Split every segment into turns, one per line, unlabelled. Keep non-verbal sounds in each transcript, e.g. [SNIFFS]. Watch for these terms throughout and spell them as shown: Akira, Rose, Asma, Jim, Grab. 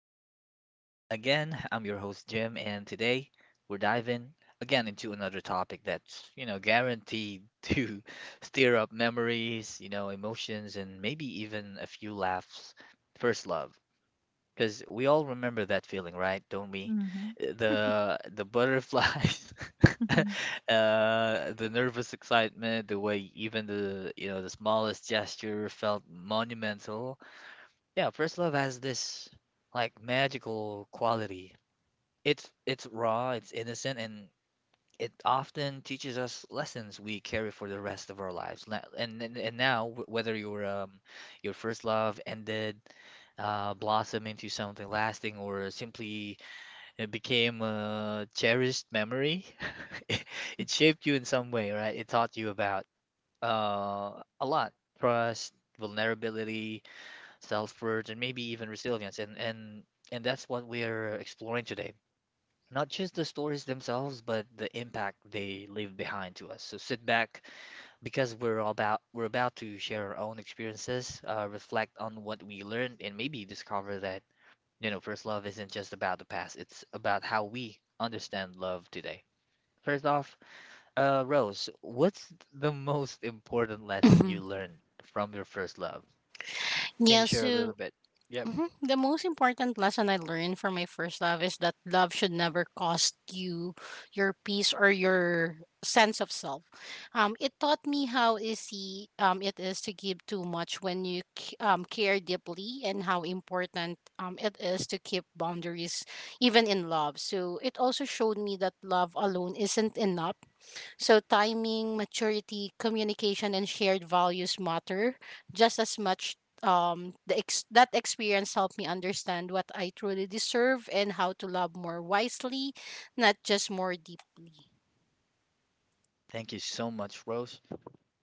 everyone. Again, I'm your host, Jim, and today we're diving again into another topic that's guaranteed [LAUGHS] to stir up memories, emotions, and maybe even a few laughs. First love, because we all remember that feeling, right? Don't we?
Mhm,
The butterflies, [LAUGHS] uh,
mhm,
the nervous excitement, the way even the smallest gesture felt monumental. Yeah, first love has this like magical quality. It's raw, it's innocent, and it often teaches us lessons we carry for the rest of our lives. And now, whether your first love ended, blossomed into something lasting, or simply became a cherished memory, [LAUGHS] it, it shaped you in some way, right? It taught you about a lot: trust, vulnerability, self-worth, and maybe even resilience. And that's what we're exploring today. Not just the stories themselves, but the impact they leave behind to us. So sit back because we're about to share our own experiences, reflect on what we learned, and maybe discover that, you know, first love isn't just about the past, it's about how we understand love today. First off, Rose, what's the most important lesson
Mhm.
you learned from your first love? Can you
Yeah,
share a little
so
bit? Yep.
mhm, the most important lesson I learned from my first love is that love should never cost you your peace or your sense of self. It taught me how easy it is to give too much when you care deeply, and how important it is to keep boundaries even in love. So it also showed me that love alone isn't enough. So, timing, maturity, communication, and shared values matter just as much. That experience helped me understand what I truly deserve and how to love more wisely, not just more deeply.
Thank you so much, Rose.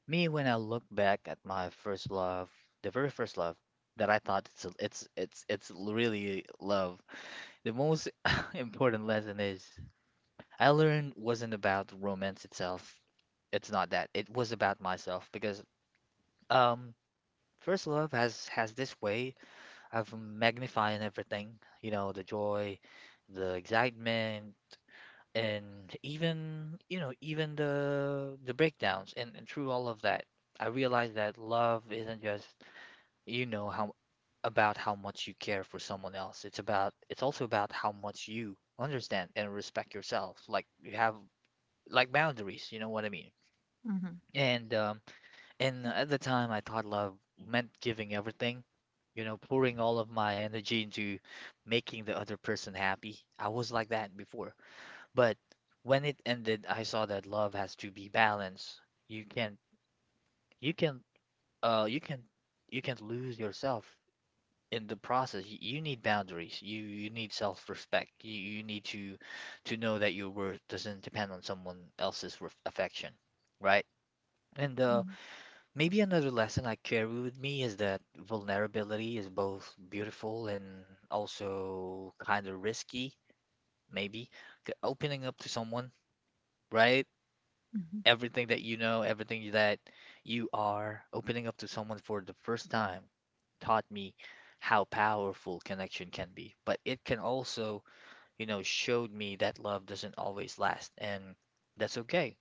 Me, when I look back at my first love, the very first love that I thought it's really love, the most [LAUGHS] important lesson is I learned wasn't about romance itself. It's not that. It was about myself because um first love has this way of magnifying everything, you know, the joy, the excitement, and even even the breakdowns. And through all of that, I realized that love isn't just you know how about how much you care for someone else. It's about, it's also about how much you understand and respect yourself. Like you have like boundaries, you know what I mean?
mhm,
And and at the time I thought love meant giving everything, you know, pouring all of my energy into making the other person happy. I was like that before, but when it ended, I saw that love has to be balanced. You can you can you can you can lose yourself in the process. You need boundaries. You need self-respect. You need to know that your worth doesn't depend on someone else's ref affection, right? And
mhm,
maybe another lesson I carry with me is that vulnerability is both beautiful and also kind of risky, maybe. Opening up to someone, right?
mhm,
Everything that you are, opening up to someone for the first time taught me how powerful connection can be. But it can also, you know, showed me that love doesn't always last, and that's okay.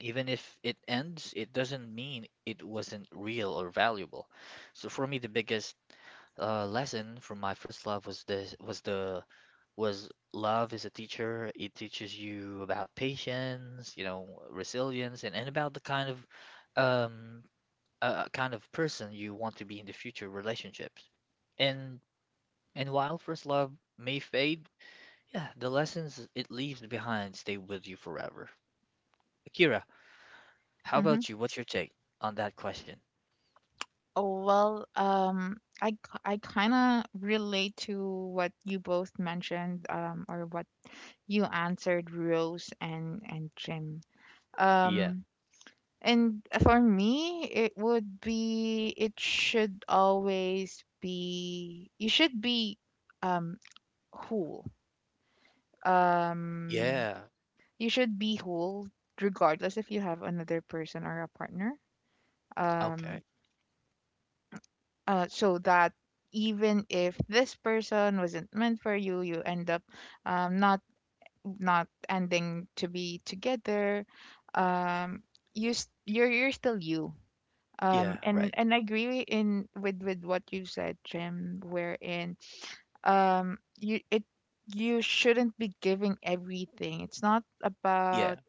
Even if it ends, it doesn't mean it wasn't real or valuable. So for me, the biggest lesson from my first love was this was the was love is a teacher. It teaches you about patience, you know, resilience, and about the um kind of person you want to be in the future relationships. And and while first love may fade, yeah, the lessons it leaves behind stay with you forever. Akira, how
mhm.
about you? What's your take on that question?
Oh, well, I kind of relate to what you both mentioned, or what you answered, Rose and Jim.
Yeah.
Um, and for me, it would be, it should always be, you should be, um, whole. Um,
Yeah.
you should be whole regardless if you have another person or a partner. Um,
Okay.
so that even if this person wasn't meant for you, you end up um, not not ending to be together. Um, you're still you. Um,
Yeah,
and
right.
and I agree in with what you said, Jim, wherein um you it you shouldn't be giving everything. It's not
Yeah.
about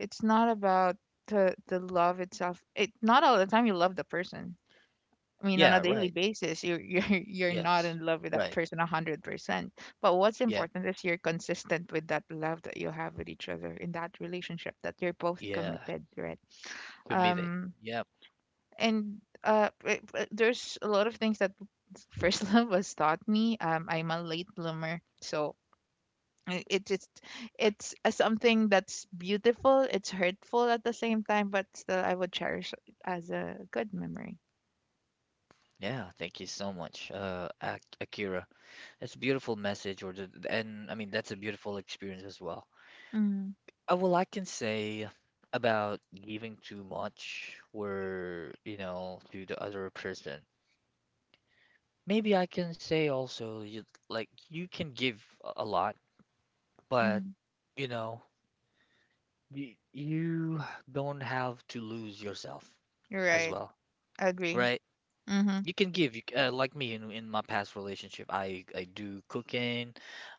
it's not about the love itself. It not all the time you love the person. I mean, on a
Yeah,
daily
right.
basis, you're [LAUGHS] you're not
Yes.
in love with that
Right.
person 100%. But what's
Yeah.
important is you're consistent with that love that you have with each other in that relationship, that you're both
Yeah.
committed, right?
Committed.
Um,
Yeah.
there's a lot of things that [LAUGHS] first love has taught me. I'm a late bloomer, so i- it just it's a something that's beautiful. It's hurtful at the same time, but still, I would cherish it as a good memory.
Yeah, thank you so much, Akira. It's a beautiful message, or the, and I mean that's a beautiful experience as well.
Mm-hmm.
Well, I can say about giving too much, where you know, to the other person. Maybe I can say also, you like you can give a lot, but
Mm-hmm.
you know, you don't have to lose yourself
You're
as
right.
well,
I agree.
right?
Mhm.
You can give, like me in my past relationship, I do cooking,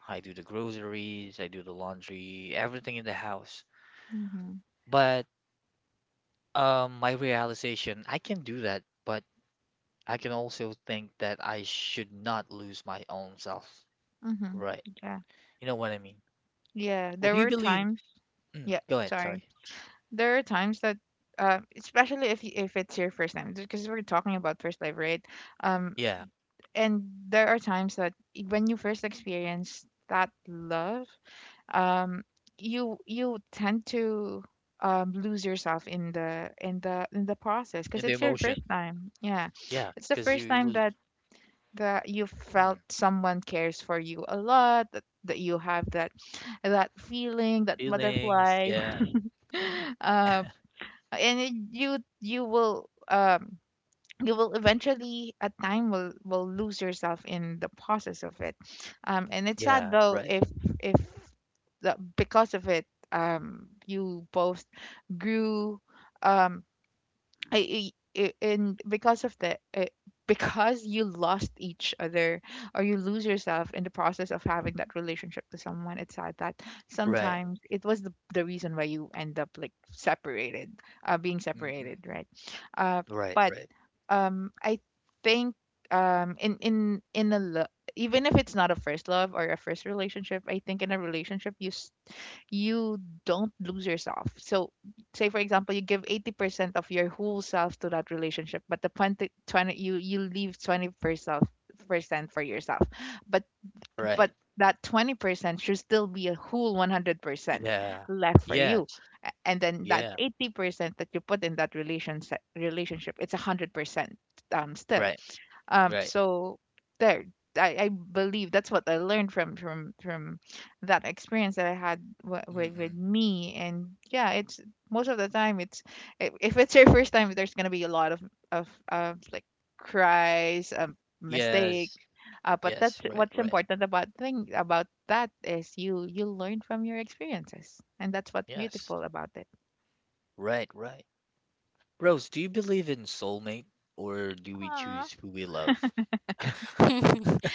I do the groceries, I do the laundry, everything in the house.
Mhm.
But my realization, I can do that, but I can also think that I should not lose my own self.
Mhm.
Right.
Yeah.
You know what I mean?
Yeah.
Well,
There
do you
were
believe?
times.
Mm,
Yeah.
go ahead,
Sorry.
sorry.
There are times that, especially if if it's your first time, because we're talking about first love, right? Um,
Yeah,
and there are times that when you first experience that love, um, you tend to lose yourself in the in the process because
in the
it's your first
emotion.
time. Yeah,
Yeah,
it's the
because
first
you
time
lose
that you
mm,
felt someone cares for you a lot, that that you have that feeling, that
feelings.
butterfly
Yeah,
[LAUGHS] uh, and you will you will eventually at time will lose yourself in the process of it, and it's sad
yeah,
though
right,
if because of it you both grew. Um I, I- i- and because of [LAUGHS] because you lost each other or you lose yourself in the process of having that relationship to someone, it's sad that
right,
sometimes it was the reason why you end up like being
mm-mm,
separated, right? Uh,
right,
but
right,
I think um, in in in a lo- even if it's not a first love or a first relationship, I think in a relationship you don't lose yourself. So, say for example, you give 80% of your whole self to that relationship, but the 20 20 you you leave 20% percent for yourself. But but
right.
that 20% should still be a whole 100%
Yeah.
left for you.
Yes.
And then that
Yeah.
80% that you put in that relationship, it's 100%, still.
Right. Right.
So there, I believe that's what I learned from that experience that I had with
Mm-mm.
me. And yeah, it's most of the time, if it's your first time, there's gonna be a lot of like cries, mistakes,
Yes.
but that's
Yes. Right.
what's
Right.
important about thing about that is you learn from your experiences, and that's what's
Yes.
beautiful about it.
Right. Right. Rose, do you believe in soulmate or do we
Aw.
choose who we love?
[LAUGHS]
[LAUGHS]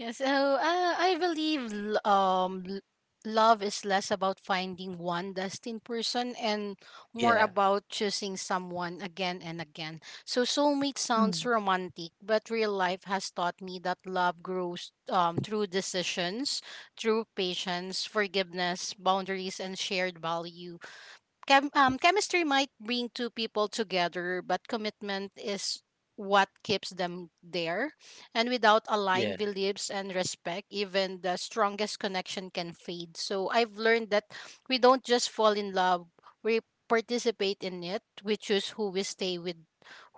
Yeah, so I believe love is less about finding one destined person and more
Yeah.
about choosing someone again and again. So soulmate sounds
Mm.
romantic, but real life has taught me that love grows through decisions, through patience, forgiveness, boundaries, and shared value. Chemistry might bring two people together, but commitment is what keeps them there. And without
Yeah.
aligned beliefs and respect, even the strongest connection can fade. So I've learned that we don't just fall in love, we participate in it. We choose who we stay with,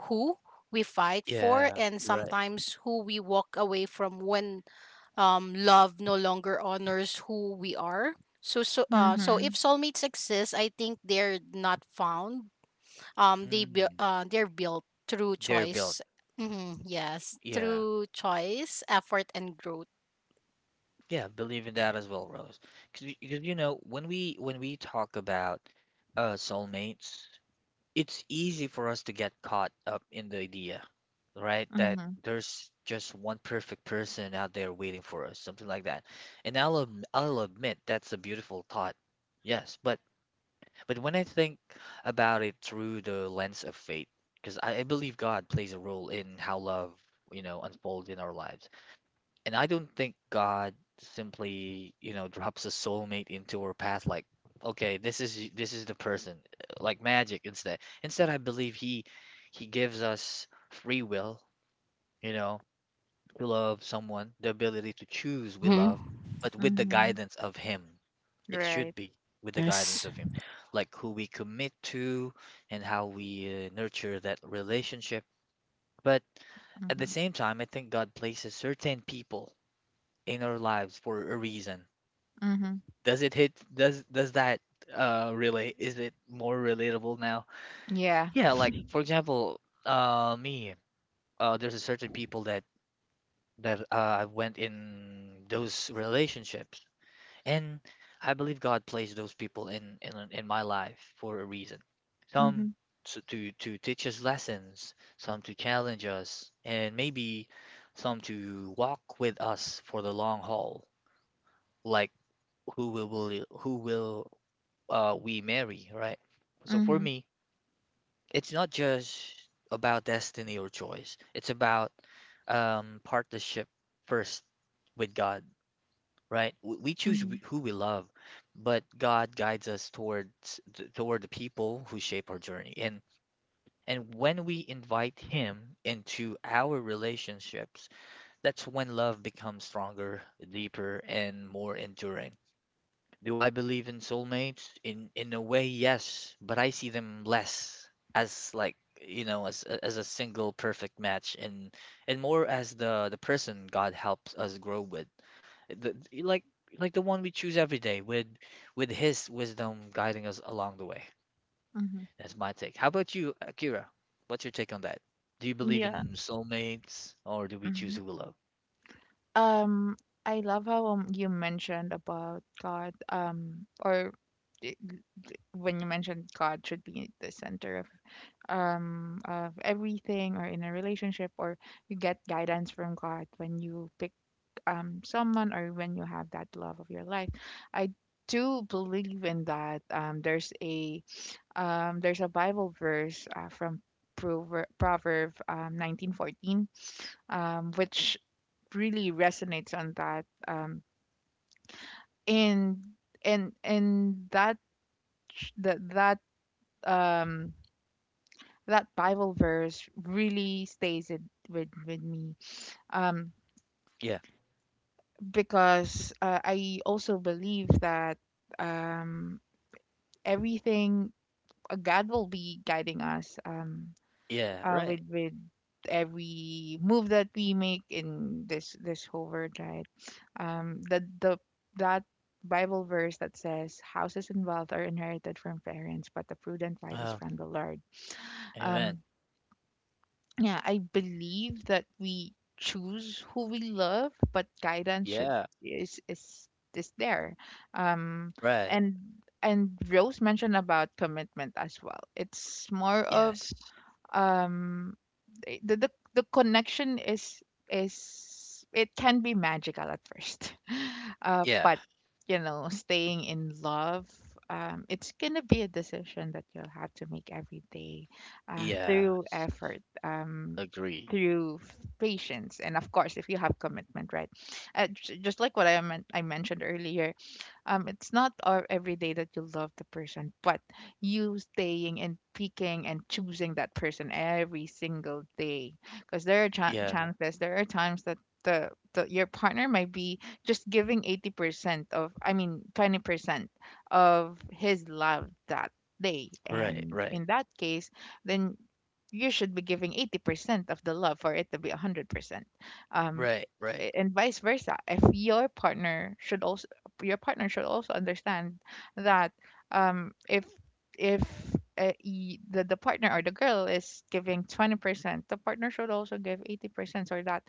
who we fight for,
Yeah.
and
Right.
sometimes who we walk away from when love no longer honors who we are. So if
Mhm.
soulmates exist, I think they're not found.
Mm.
They're built through
They're built.
choice. Mm-hmm, yes,
Yeah.
through choice, effort, and growth.
Yeah. Believe in that as well, Rose. Because you know when we talk about soulmates, it's easy for us to get caught up in the idea, right? That
Mhm.
there's just one perfect person out there waiting for us, something like that. And I'll admit that's a beautiful thought. Yes, but when I think about it through the lens of faith, because I believe God plays a role in how love, you know, unfolds in our lives. And I don't think God simply, you know, drops a soulmate into our path like, okay, this is the person, like magic instead. Instead, I believe he gives us free will, you know, to love someone, the ability to choose we
Mm-hmm.
love, but with the
Mhm.
guidance of him. It should
Right.
be with the guidance
Yes.
of him, like who we commit to and how we nurture that relationship. But at the
Mhm.
same time, I think God places certain people in our lives for a reason.
Mhm.
Does it hit does that relate, is it more relatable now?
Yeah.
Yeah, like for example, me, there's a certain people that I went in those relationships and I believe God placed those people in my life for a reason. Some
Mhm.
to teach us lessons, some to challenge us, and maybe some to walk with us for the long haul. Like who will we marry, right? So for
Mhm.
me, it's not just about destiny or choice. It's about partnership first with God, right? We choose
Mhm.
who we love, but God guides us towards toward the people who shape our journey. And when we invite Him into our relationships, that's when love becomes stronger, deeper, and more enduring. Do I believe in soulmates? In a way, yes, but I see them less as like, you know, as a single perfect match and more as the person God helps us grow with. The, the- like like the one we choose every day with his wisdom guiding us along the way.
Mhm.
That's my take. How about you, Akira? What's your take on that? Do you believe
Yeah.
in soulmates or do we choose
Mhm.
who we love?
Um, I love how you mentioned about God. I- when you mentioned God should be the center of everything, or in a relationship, or you get guidance from God when you pick someone or when you have that love of your life. I do believe in that. There's a Bible verse from Proverb 19:14, which really resonates on that, in that ch- that that um that Bible verse really stays it with me, um,
Yeah.
because I also believe that, um, everything, God will be guiding us,
Yeah,
with
right.
every move that we make in this whole world, right? The That Bible verse that says houses and wealth are inherited from parents, but the prudent wife is
Uh,
from the Lord.
amen.
Um, Yeah, I believe that we choose who we love, but guidance should
Yeah,
is is is there. Um,
right.
and and Rose mentioned about commitment as well. It's more of,
Yes.
um the connection, is it can be magical at first [LAUGHS]
Yeah.
but staying in love, it's gonna be a decision that you'll have to make every day,
Yeah.
through effort,
Agree.
through patience, and of course if you have commitment, right? Just like what I mentioned earlier, it's not, every day that you love the person, but you staying and picking and choosing that person every single day. Because there are
Yeah.
chances, there are times that the your partner might be just giving 80% of, I mean, 20% of his love that day.
Right.
And
Right.
in that case, then you should be giving 80% of the love for it to be 100%. Um,
Right. Right.
and vice versa. If your partner should also understand that, um if if the partner or the girl is giving 20%, the partner should also give 80% so that,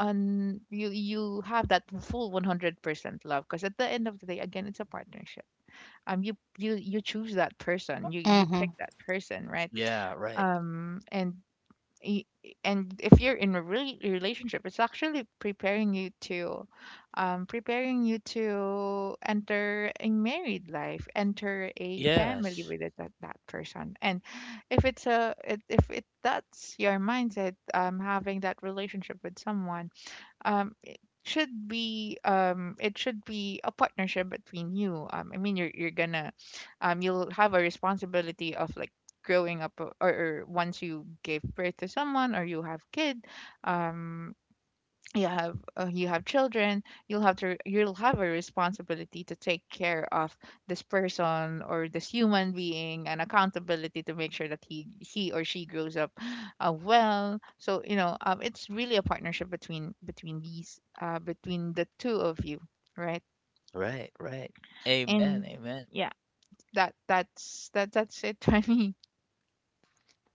you have that full 100% love because at the end of the day, again, it's a partnership. You choose that person, you
Mm-hmm.
pick that person, right?
Yeah. Right.
Um and y- and if you're in a really relationship, it's actually preparing you to, preparing you to enter a married life, enter a family
Yes.
with that, person. And if it's a it, if it that's your mindset, having that relationship with someone, um it it should be a partnership between you. I mean, you're gonna, you'll have a responsibility of like growing up, or, once you give birth to someone, or um you have, you have children. You'll have to you'll have a responsibility to take care of this person or this human being, and accountability to make sure that he or she grows up, well. So, you know, it's really a partnership between these, between the two of you, right?
Right. Right. Amen.
And
Amen.
yeah, that's it [LAUGHS] for me.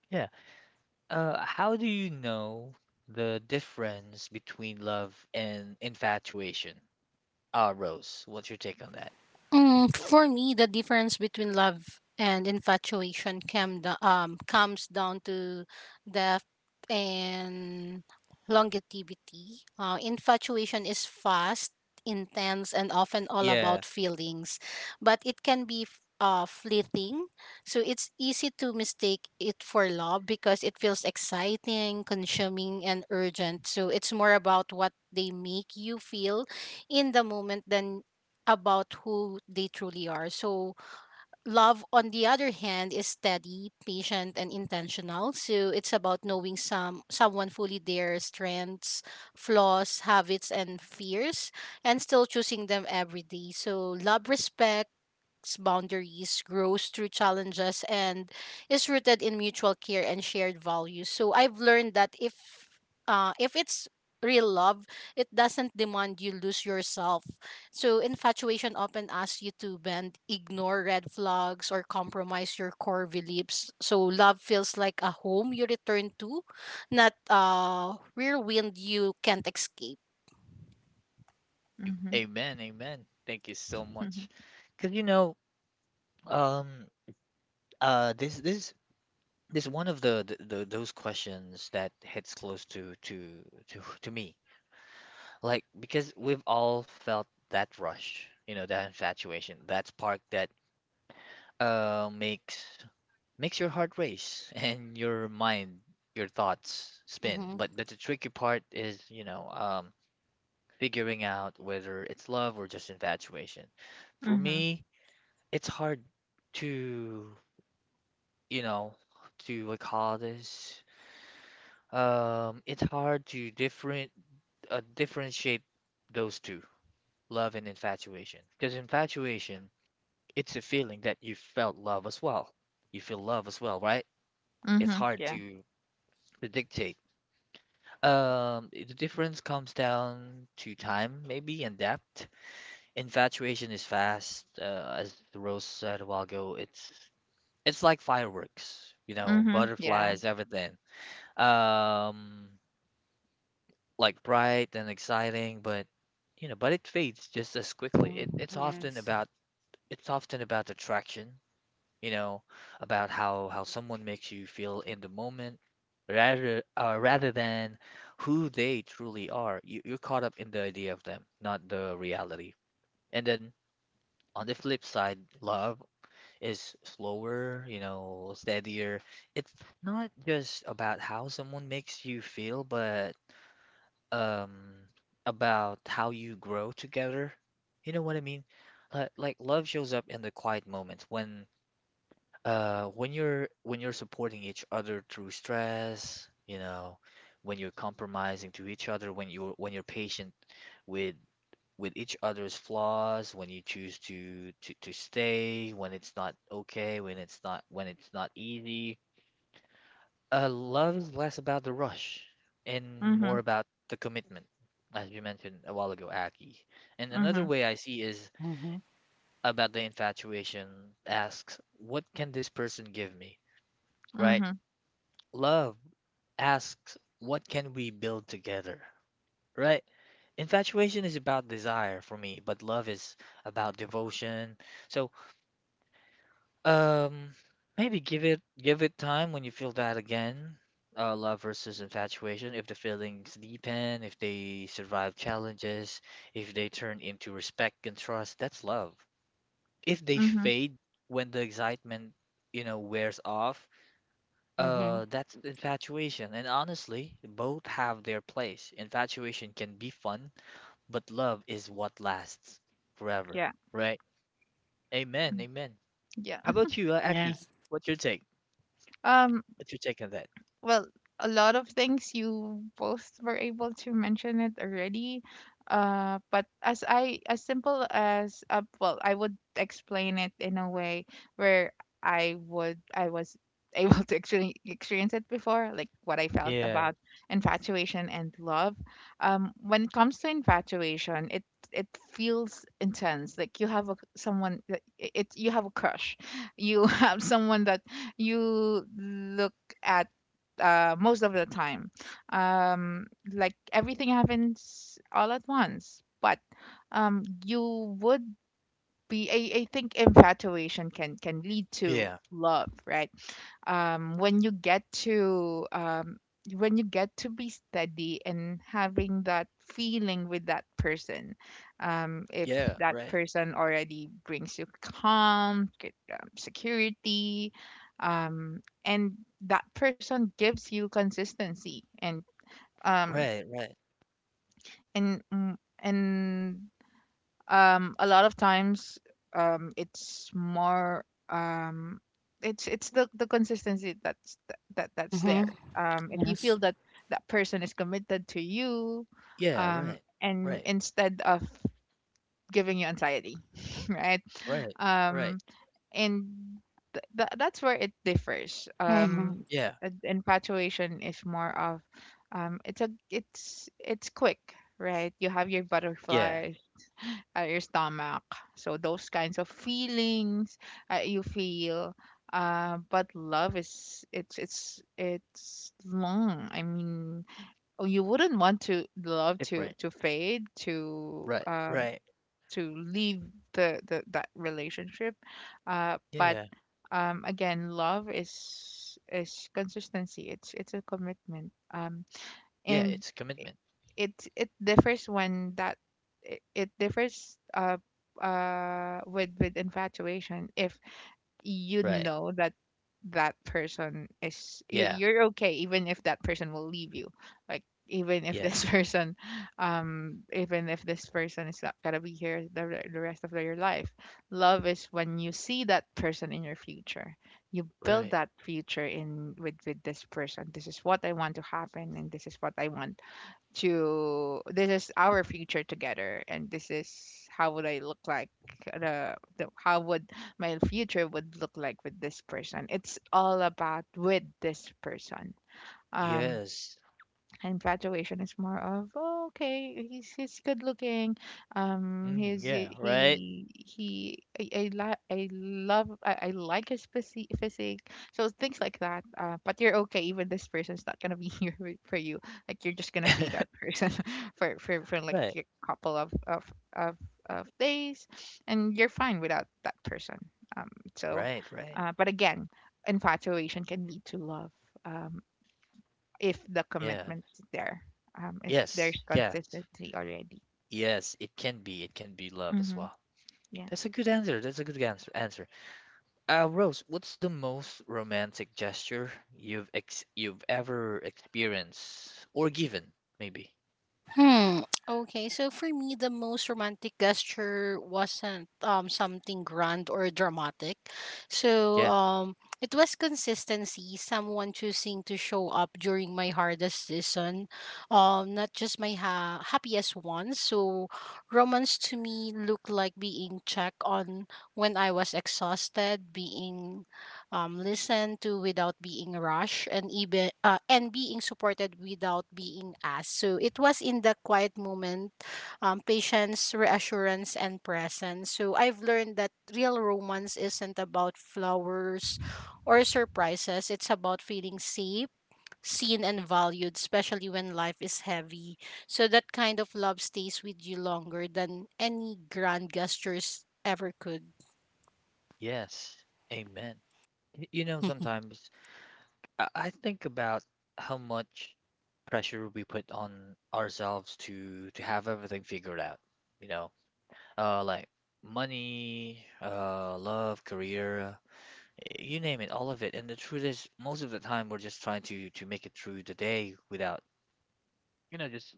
Yeah. How do you know the difference between love and infatuation? Rose, what's your take on that?
For me, the difference between love and infatuation comes down to depth and longevity. Infatuation is fast, intense, and often all
Yeah.
about feelings, but it can be fleeting. So it's easy to mistake it for love because it feels exciting, consuming, and urgent. So it's more about what they make you feel in the moment than about who they truly are. So, love, on the other hand, is steady, patient, and intentional. So, it's about knowing someone fully, their strengths, flaws, habits, and fears, and still choosing them every day. So love respects boundaries, grows through challenges, and is rooted in mutual care and shared values. So I've learned that if it's real love, it doesn't demand you lose yourself. So infatuation often asks you to bend, ignore red flags, or compromise your core beliefs. So love feels like a home you return to, not a rear wind you can't escape.
Mhm.
Amen. Amen. Thank you so
Mhm.
much. Because you know, um, this this one of the those questions that hits close to me. Like, because we've all felt that rush, you know, that infatuation, that spark that makes makes your heart race [LAUGHS] and your mind, your thoughts spin.
Mm-hmm.
But the tricky part is, you know, figuring out whether it's love or just infatuation. For
Mhm.
me, it's hard to, you know, to what call this. It's hard to differentiate those two, love and infatuation, because infatuation it's a feeling that you felt love as well. You feel love as well, right? It's
Mhm.
hard
Yeah.
to dictate. The difference comes down to time, maybe, and depth. Infatuation is fast, as Rose said a while ago. It's like fireworks, you know,
Mhm. Yeah.
butterflies, everything. Um, like bright and exciting, but you know, but it fades just as quickly. It's
Mm-hmm.
often
Yes.
about it's often about attraction, you know, about how someone makes you feel in the moment rather than who they truly are. You're caught up in the idea of them, not the reality. And then on the flip side, love is slower, you know, steadier. It's not just about how someone makes you feel, but um about how you grow together. You know what I mean? Like love shows up in the quiet moments when you're supporting each other through stress, you know, when you're compromising to each other, when you're patient with with each other's flaws, when you choose to stay, when it's not okay, when it's not easy. Love is less about the rush and more
Mhm.
about the commitment, as you mentioned a while ago, Aki. And another
Mhm.
way I see is
Mm-hmm.
about the infatuation asks, what can this person give me? Right?
Mhm.
Love asks, what can we build together? Right? Infatuation is about desire for me, but love is about devotion. So, um, maybe give it time when you feel that again. Love versus infatuation. If the feelings deepen, if they survive challenges, if they turn into respect and trust, that's love. If they
Mhm.
fade when the excitement wears off,
Mm-hmm.
That's infatuation, and honestly, both have their place. Infatuation can be fun, but love is what lasts forever,
Yeah.
right? Amen, amen.
Yeah.
How about you, Aki?
Yes.
What's your take?
Um,
What's your take on that?
well, a lot of things you both were able to mention it already. But as I as simple as, well, I would explain it in a way where I was [LAUGHS] able to actually experience it before, like what I felt
Yeah,
about infatuation and love. When it comes to infatuation, it feels intense. Like you have a crush, you [LAUGHS] have someone that you look at, most of the time. Um, like everything happens all at once, but, you would be I think infatuation can lead to
yeah,
love, right? When you get to, be steady and having that feeling with that person, if
yeah,
that
right,
person already brings you calm, good, security, and that person gives you consistency um
right, right,
and a lot of times, it's more, it's the consistency that that's
Mm-hmm.
there, if you
Yes.
feel that that person is committed to you,
yeah, right,
and
right,
instead of giving you anxiety [LAUGHS] right.
right, right,
um and that's where it differs.
Mm-hmm.
yeah,
Infatuation is more of, it's quick, right? You have your
yeah,
butterflies, your stomach. So those kinds of feelings, you feel. But love is it's long. I mean, oh, you wouldn't want to love to
different,
fade, to,
right, right,
leave the that relationship. Uh, but
yeah,
um again, love is consistency. It's a commitment. Um,
yeah, it's
and
commitment,
i- it it differs when that I- it differs with infatuation. If you
right,
know that that person
yeah,
you're okay even if that person will leave you. Like even if
yeah,
this [LAUGHS] person, even if this person is not gonna be here the rest of your life. Love is when you see that person in your future. You build
right,
that future in with this person. This is what I want to happen, and this is what I want to this is our future together. And this is how would i look like how would my future would look like with this person. It's all about with this person. um
yes,
Infatuation is more of, oh, okay, he's good looking.
mm,
He's
yeah, right.
he I, li- I love I like his physique. So things like that. But you're okay. Even this person's not gonna be [LAUGHS] here for you. Like you're just gonna see that
[LAUGHS]
person [LAUGHS] for like
Right,
a couple of days, and you're fine without that person. Um, so,
right, right.
but again, infatuation can lead to love. Um, if the
Yeah.
commitment is there, if
Yes,
there's
yes,
consistency already.
yes. It can be. It can be love as
Mm-hmm.
well.
Yeah.
That's a good answer. That's a good answer. Answer. Rose, what's the most romantic gesture you've ever experienced or given? Maybe.
Hmm. Okay, so for me, the most romantic gesture wasn't something grand or dramatic. So
Yeah.
it was consistency. Someone choosing to show up during my hardest season, not just my happiest ones. So romance to me looked like being checked on when I was exhausted, being listen to without being rushed, and even and being supported without being asked. So it was in the quiet moment, patience, reassurance, and presence. So I've learned that real romance isn't about flowers or surprises. It's about feeling safe, seen, and valued, especially when life is heavy. So that kind of love stays with you longer than any grand gestures ever could.
Yes. Amen. You know, sometimes I think about how much pressure we put on ourselves to have everything figured out. You know, like money, love, career, you name it, all of it. And the truth is, most of the time, we're just trying to make it through the day without, just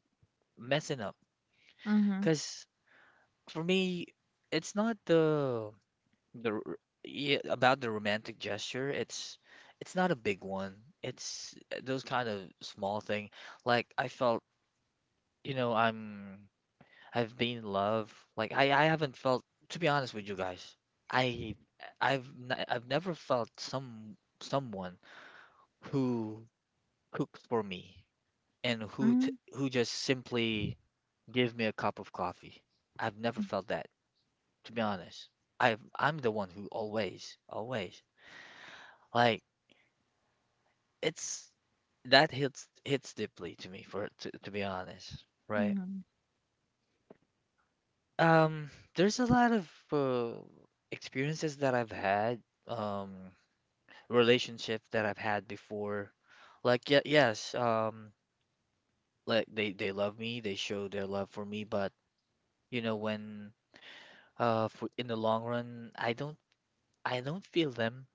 messing up.
Mm-hmm.
Because for me, it's not the r- yeah, about the romantic gesture. It's not a big one. It's those kind of small thing. Like I felt, you know, I'm I've been in love. Like I haven't felt, to be honest with you guys, I, I've never felt someone who cooked for me and who just simply give me a cup of coffee. I've never felt that, to be honest. I'm the one who always, always like it's that hits deeply to me for to be honest, right.
Mm-hmm.
Um, there's a lot of experiences that I've had, um, relationships that I've had before. Like, yeah, yes, like they love me, they show their love for me, but you know, when in the long run, I don't feel them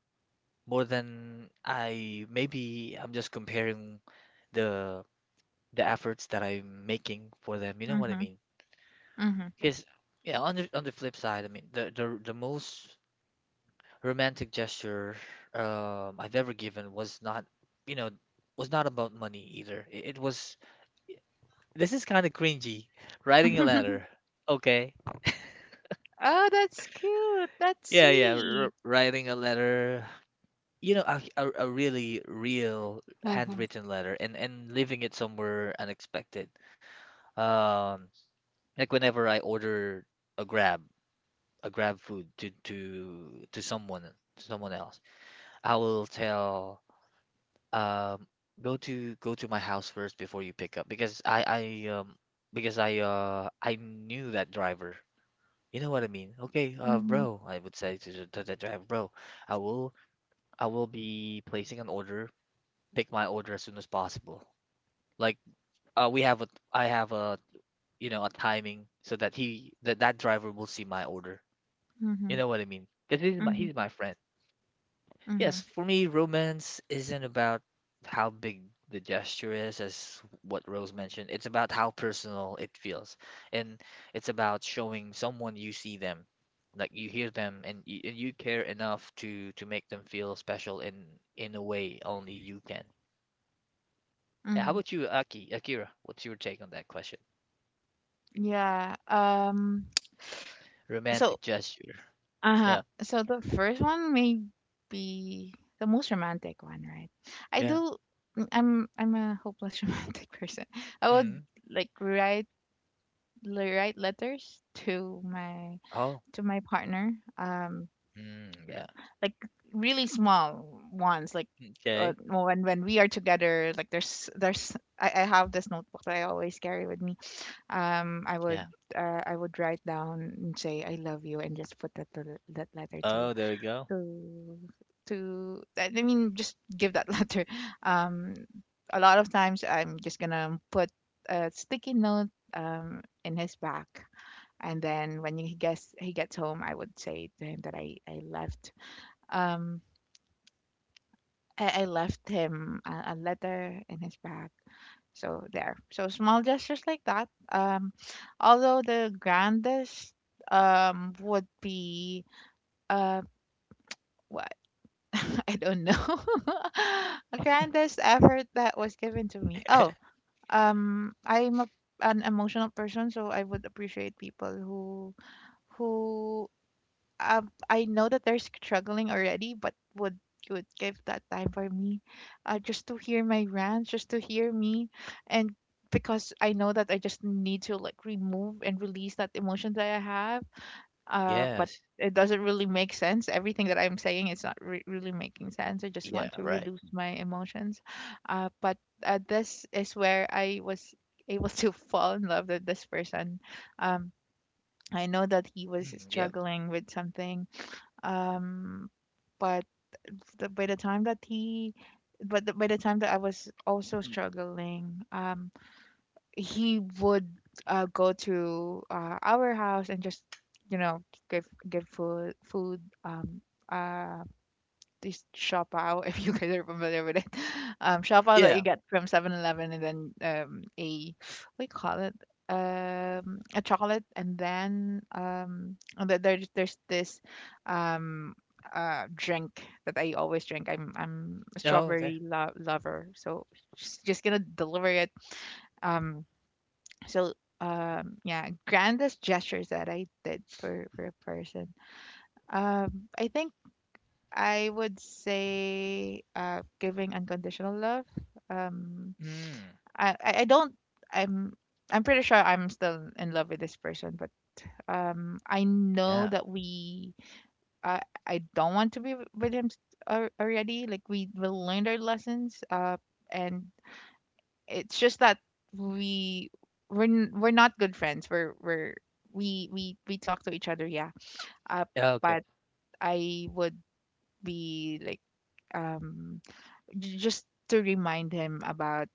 more than I maybe I'm just comparing the the efforts that I'm making for them. You know what I
Mm-hmm.
mean? Because yeah, on the flip side, I mean, the most romantic gesture I've ever given was not, you know, was not about money either. It was this is kind of cringy. Writing a
Mm-hmm. [LAUGHS]
letter. Okay.
Oh, that's cute. That's
Yeah, yeah, r
sweet.
writing a letter. You know, a really real
[LAUGHS]
handwritten letter and leaving it somewhere unexpected. Um, like whenever I order a Grab, a Grab food to someone else, I will tell um go to my house first before you pick up because I knew that driver. You know what I mean? Okay,
Mm-hmm.
bro, I would say to to the driver, bro, I will I will be placing an order, pick my order as soon as possible. Like we have a I have a you know a timing so that he that driver will see my order. You know
Mm-hmm.
what I mean? Because
Mm-hmm.
he's my friend. Yes,
Mm-hmm.
for me, romance isn't about how big the gesture is, as what Rose mentioned. It's about how personal it feels. And it's about showing someone you see them, like you hear them, and you care enough to make them feel special in a way only you can.
Mm-hmm.
Yeah, how about you, Aki, Akira? What's your take on that question?
Yeah. [SNIFFS] So,
Romantic gesture.
uh,
Yeah.
so the first one may be the most romantic one, right? I
Yeah.
do. I'm a hopeless [LAUGHS] romantic person. I would
Mm.
like write write letters to
Oh.
my partner,
Mm, yeah.
like really small ones, like
Okay.
well, when we are together, like I have this notebook that I always carry with me. um I would
Yeah.
I would write down and say I love you and just put that that letter to
Oh, there you go.
to I mean just give that [LAUGHS] letter. um a lot of times I'm just gonna put a sticky note in his back, and then when he gets home, I would say to him that I left, um I left him a letter in his bag. So there. So small gestures like that. Although the grandest would be uh what [LAUGHS] I don't know. [LAUGHS] A grandest effort that was given to me. Oh, I'm a, an emotional person, so I would appreciate people who I know that they're struggling already, but would give that time for me, just to hear my rants, just to hear me, and because I know that I just need to like remove and release that emotion that I have. But
Yes.
It doesn't really make sense. Everything that I'm saying is not really making sense. I just
Yeah,
want to
right.
release my emotions. But This is where I was able to [LAUGHS] fall in love with this person. Um, I know that he was
Mm, yep.
struggling with something, um but the, by the time that he but the, by the time that I was also struggling, he would go to our house and just, you know, give food. Uh this Shopao, [LAUGHS] if you guys are familiar with it. [LAUGHS] Shopao that you
Yeah.
get from 7-Eleven, and then um, a, what do you call it? A chocolate, and then there's this um drink that I always drink. I'm a
Oh, okay.
strawberry lover, so she's just gonna deliver it. Um, so yeah, grandest gestures that I did for a person. I think I would say giving unconditional love. Um,
Mm.
I don't. I'm I'm pretty sure I'm still in love with this person, but I know
Yeah.
that we. I don't want to be with him already. Like we will learn our lessons. And It's just that we we're we're not good friends. We're we talk to each other. Yeah. Uh,
Yeah, okay.
but I would be like, um just to remind him about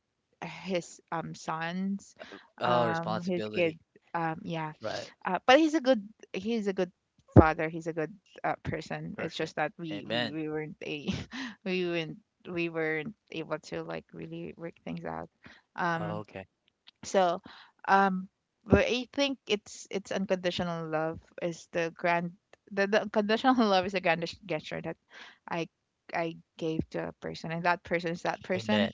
his sons,
Oh,
his
responsibility.
kids, um yeah
Right.
but he's a good, he's a good father. He's a good person. It's
Person.
just that
Amen.
we weren't a [LAUGHS] we weren't we weren't able to like really work things out.
Oh,
um
okay.
so um but I think it's unconditional love is the unconditional [LAUGHS] love is a grand gesture that I I gave to a person, and that person is that person.
Amen.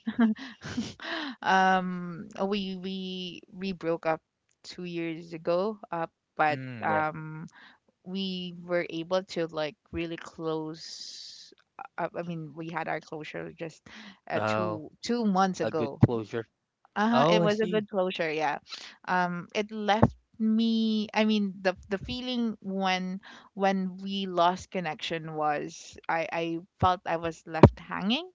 [LAUGHS] We broke up 2 years ago, but
Mm, yeah.
we were able to like really close. I mean, we had our closure just
Oh,
two months
a good
ago.
closure.
Uh-huh,
Oh,
it
I
was a
see.
good closure, yeah. It left me, I mean, the feeling when we lost connection was, I felt I was left hanging.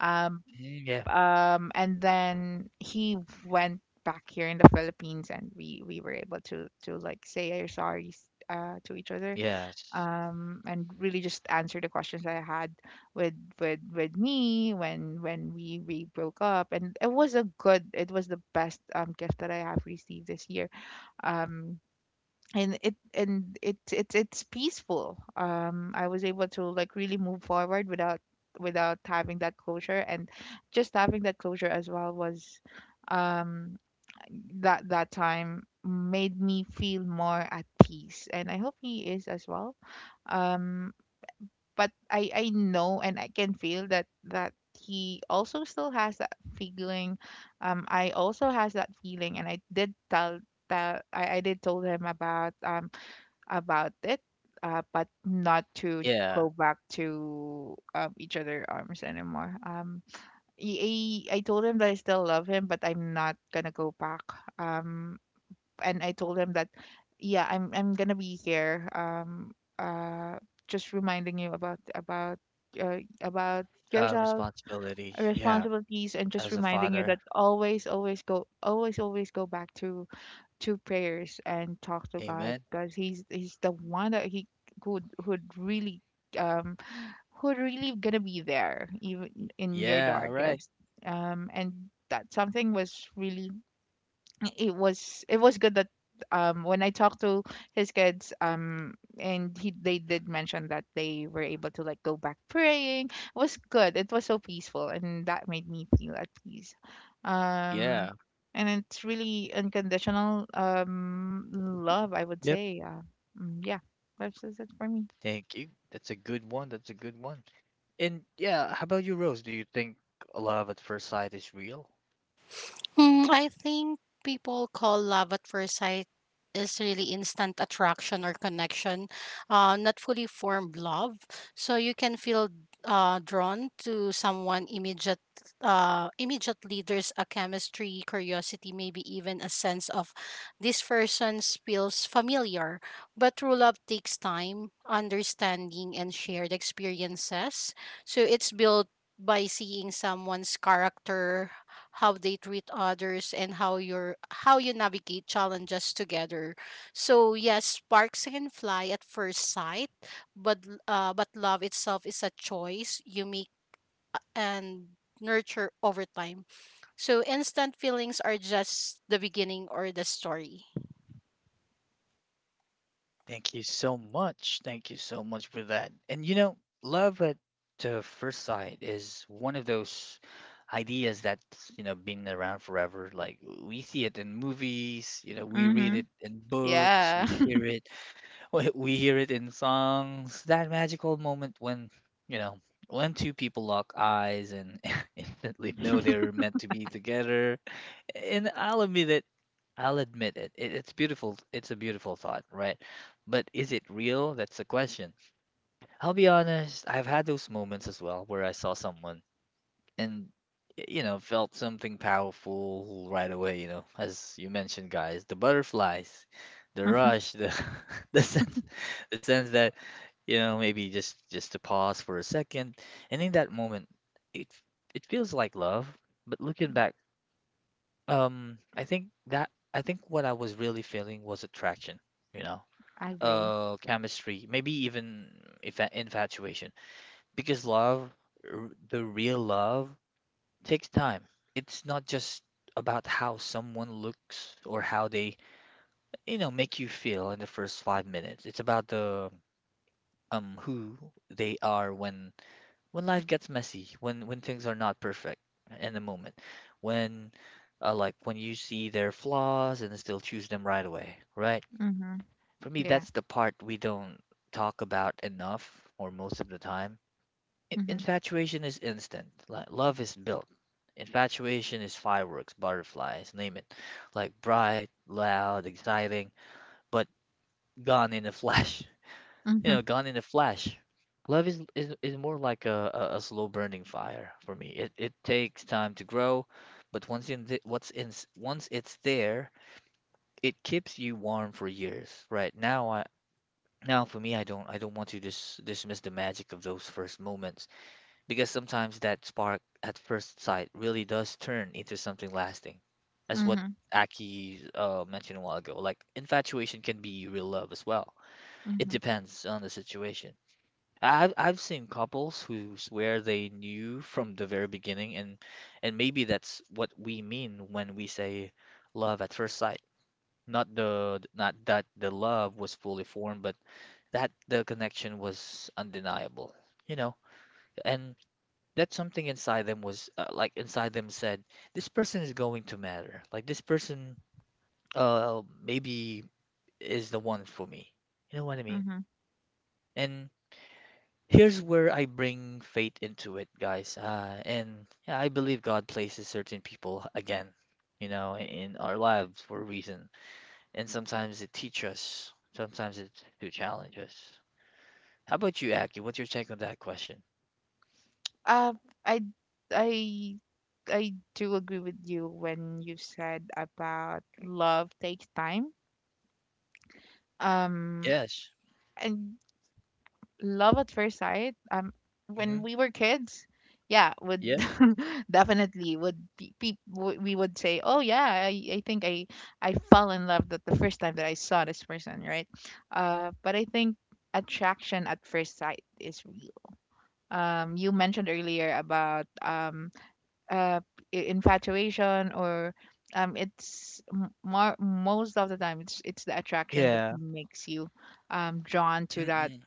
Um,
Mm, yeah.
and then he went back here in the Philippines, and we were able to like say our sorries to each other,
Yes.
and really just answer the questions I had with with me when we broke up. And it was a good, it was the best gift that I have received this year. Um, and it's peaceful. I was able to like really move forward without having that closure, and just having that closure as well was um that that time made me feel more at peace, and I hope he is as well. um but I know, and I can feel that he also still has that feeling. I also has that feeling, and I did tell that I did told him about, it. But not to
Yeah.
go back to, each other arms anymore. He I told him that I still love him but I'm not gonna go back, um and I told him that yeah, I'm gonna be here. Uh, just reminding you about about yourself,
Responsibility. Yeah.
responsibilities, and just
As a
reminding you
father.
that always, always go back to prayers, and talk to God,
Amen.
because he's the one that he could, would really um who really gonna be there, even in your
Yeah. Right.
darkest. And That something was really, it was good that when I talked to his kids, and he they did mention that they were able to like go back praying. It was good. It was so peaceful, and that made me feel at peace. Um
Yeah.
and it's really unconditional love, I would
Yep.
say. Yeah. That's just it for me.
Thank you. That's a good one. That's a good one. And yeah, how about you, Rose? Do you think love at first sight is real?
I think people call love at first sight is really instant attraction or connection, not fully formed love. So you can feel drawn to someone immediately. There's a chemistry, curiosity, maybe even a sense of this person feels familiar. But true love takes time, understanding, and shared experiences. So it's built by seeing someone's character, how they treat others, and how you navigate challenges together. So yes, sparks can fly at first sight, but but love itself is a choice you make and nurture over time. So instant feelings are just the beginning or the story.
Thank you so much. Thank you so much for that. And you know, love at first sight is one of those ideas that's been around forever. Like we see it in movies, you know, we read
Mhm.
it in books,
Yeah.
we
[LAUGHS]
hear it, [LAUGHS] we hear it in songs. That magical moment when, you know, when two people lock eyes and [LAUGHS] instantly know they're meant to be together, and I'll admit it. I'll admit it. It's beautiful. It's a beautiful thought, right? But is it real? That's the question. I'll be honest. I've had those moments as well where I saw someone and, you know, felt something powerful right away, you know, as you mentioned, guys, the butterflies, the
Mhm.
rush, the [LAUGHS] the sense, the sense that, you know, maybe just to pause for a second, and in that moment, it it feels like love. But looking back, I think what I was really feeling was attraction, you know,
I agree.
chemistry, maybe even if infatuation, because love, the real love, takes time. It's not just about how someone looks or how they, you know, make you feel in the first 5 minutes. It's about the who they are when life gets messy, when things are not perfect in the moment, when like when you see their flaws and still choose them right away, right?
Mhm.
For me,
Yeah.
that's the part we don't talk about enough or most of the time.
Mhm.
Infatuation is instant. Like love is built. Infatuation is fireworks, butterflies, name it. Like bright, loud, exciting, but gone in a [LAUGHS] flash. You
Mhm.
know, gone in a flash. Love is more like a slow burning fire for me. It takes time to grow, but once in the, what's in once it's there, it keeps you warm for years. Right now, I now for me, I don't want to dismiss the magic of those first moments because sometimes that spark at first sight really does turn into something lasting. That's
Mhm.
what
Mhm.
Aki mentioned a while ago. Like infatuation can be real love as well. It
Mhm.
depends on the situation. I've seen couples who's where they knew from the very beginning, and maybe that's what we mean when we say love at first sight. Not that the love was fully formed, but that the connection was undeniable, you know. And that something inside them was like inside them said, this person is going to matter. Like this person, maybe is the one for me. You know what I mean?
Mhm.
And here's where I bring faith into it, guys. And yeah, I believe God places certain people again, you know, in our lives for a reason. And sometimes it teaches us, sometimes it to challenge us. How about you, Aki? What's your take on that question?
Um, I I I do agree with you when you said about love takes time. Um,
Yes.
and Love at first sight.
Mm-hmm.
When we were kids, yeah, would
Yep.
[LAUGHS] definitely would be, we would say, oh yeah, I think I fell in love that the first time that I saw this person, right? But I think attraction at first sight is real. You mentioned earlier about uh, infatuation, or more most of the time it's the attraction that
Yeah.
makes you, drawn
Mm-mm.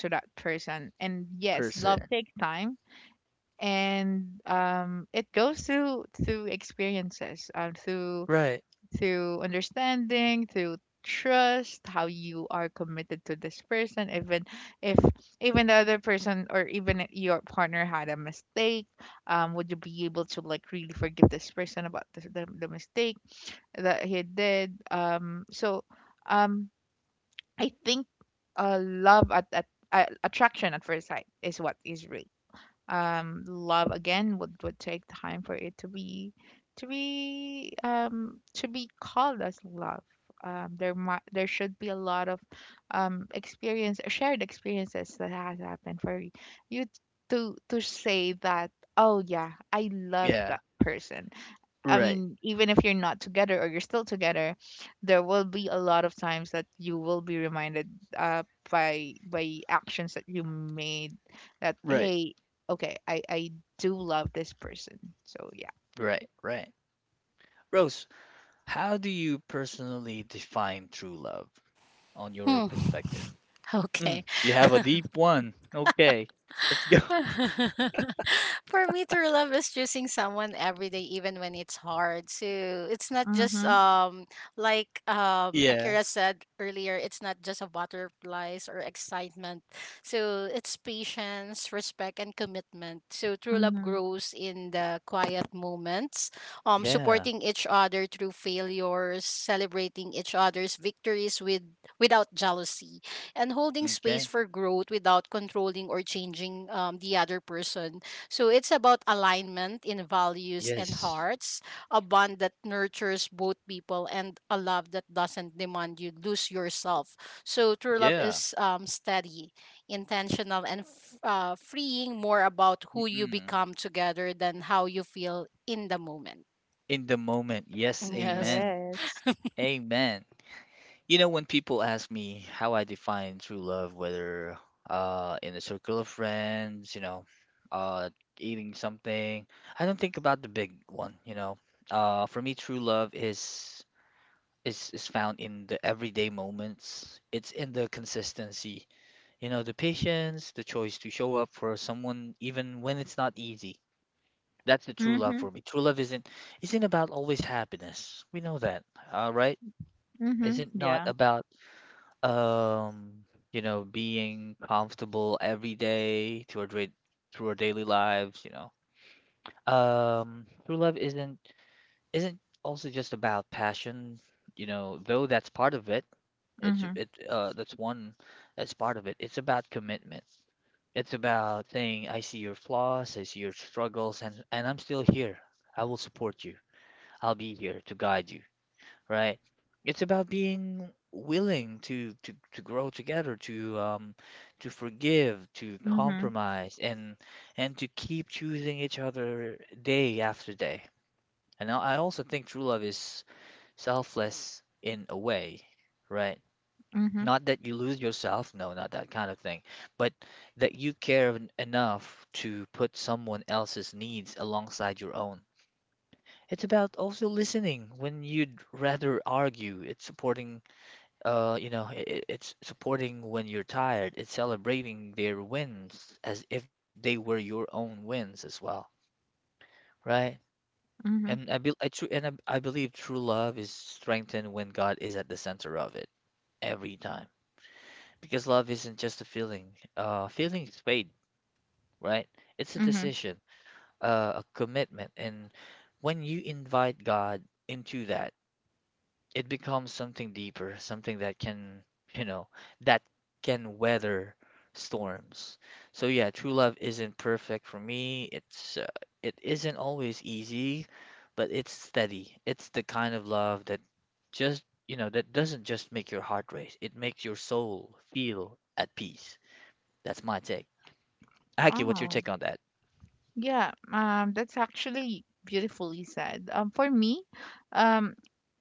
to that person. And yes, love
Person.
takes time, and it goes through experiences,
Right.
through understanding, through trust, how you are committed to this person, even if even the other person, or even if your partner had a mistake, would you be able to like really forgive this person about the mistake that he did? Um, I think love at attraction at first sight is what is real. Love again would take time for it to be to be called as love. There might, there should be a lot of experience, shared experiences that has happened for you t- to say that oh yeah, I love
Yeah.
that person. I
Right.
mean, even if you're not together or you're still together, there will be a lot of times that you will be reminded uh, by actions that you made that
Right.
hey, okay, I do love this person. So yeah.
Right. Right. Rose, how do you personally define true love on your
Hmm. [LAUGHS]
perspective? Mm,
Okay.
you have a
[LAUGHS]
deep one. Okay. Let's go. [LAUGHS]
[LAUGHS] For me, true love is choosing someone every day, even when it's hard. So it's not just
Mhm.
like
Yeah.
Akira said earlier, it's not just a butterflies or excitement. So it's patience, respect, and commitment. So true love
Mhm.
grows in the quiet moments,
Yeah.
supporting each other through failures, celebrating each other's victories without jealousy, and holding space
Okay.
for growth without controlling or changing the other person. So it's about alignment in values and
Yes.
hearts, a bond that nurtures both people, and a love that doesn't demand you lose yourself. So true love
Yeah.
is steady, intentional, and freeing, more about who you
Mm-mm.
become together than how you feel in the moment.
In the moment. Yes.
Yes.
Amen.
Yes.
Amen. You know, when people ask me how I define true love, whether in a circle of friends, you know, uh eating something, I don't think about the big one, you know. For me true love is found in the everyday moments. It's in the consistency. You know, the patience, the choice to show up for someone even when it's not easy. That's the true love
Mhm.
for me. True love isn't about always happiness. We know that, all right?
Mhm.
Isn't not
Yeah.
about um, you know, being comfortable every day to through our daily lives, you know. True love isn't also just about passion, you know, though that's part of it. It's
Mhm.
it That's one. That's part of it. It's about commitment. It's about saying, I see your flaws, I see your struggles, and, I'm still here. I will support you. I'll be here to guide you, right? It's about being willing to grow together, to forgive, to
Mhm.
compromise, and to keep choosing each other day after day. And I also think true love is selfless in a way, right?
Mhm.
Not that you lose yourself, no, not that kind of thing, but that you care enough to put someone else's needs alongside your own. It's about also listening when you'd rather argue. It's supporting when you're tired. It's celebrating their wins as if they were your own wins as well, right?
Mhm.
And I be I tru and I believe true love is strengthened when God is at the center of it every time. Because love isn't just a feeling. Feeling is paid, right? It's a
Mhm.
decision, a commitment. And when you invite God into that, it becomes something deeper, something that you know, that can weather storms. So yeah, true love isn't perfect for me. It isn't always easy, but it's steady. It's the kind of love that doesn't just make your heart race. It makes your soul feel at peace. That's my take. Aki, what's your
Wow.
take on that?
Yeah. That's actually beautifully said. For me, um.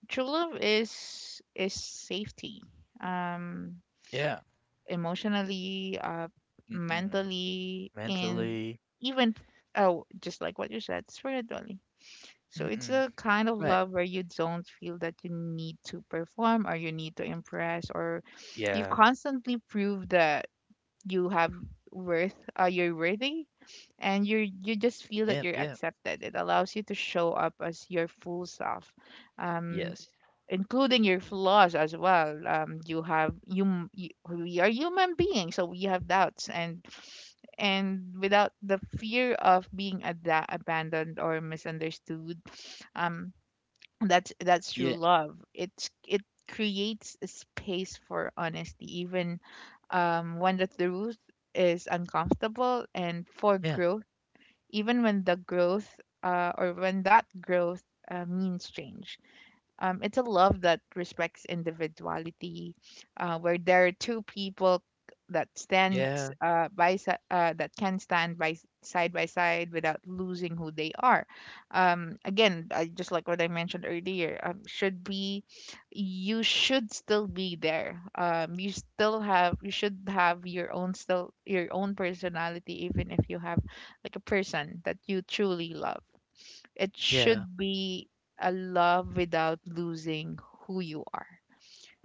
true love is safety. Um,
Yeah.
Emotionally,
Mm-mm.
mentally, and
Mentally.
even, oh, just like what you said, spiritually. So it's
Mm-mm.
a kind of
Right.
love where you don't feel that you need to perform, or you need to impress, or you
Yeah.
constantly prove that you have worth, you're worthy, and you just feel that
Yep.
you're
Yeah.
accepted. It allows you to show up as your full self. Um,
Yes.
Including your flaws as well. You have you, m- you We are human beings, so we have doubts, and without the fear of being abandoned or misunderstood. um that's true
Yeah.
love. It creates a space for honesty, even when the truth is uncomfortable, and for
Yeah.
growth, even when the growth or when that growth means change. It's a love that respects individuality, where there are two people that
Yeah.
that can stand by side by side without losing who they are. Just like what I mentioned earlier, should be, you should still be there. You still have you should have your own still your own personality, even if you have like a person that you truly love. It
Yeah.
should be a love without losing who you are.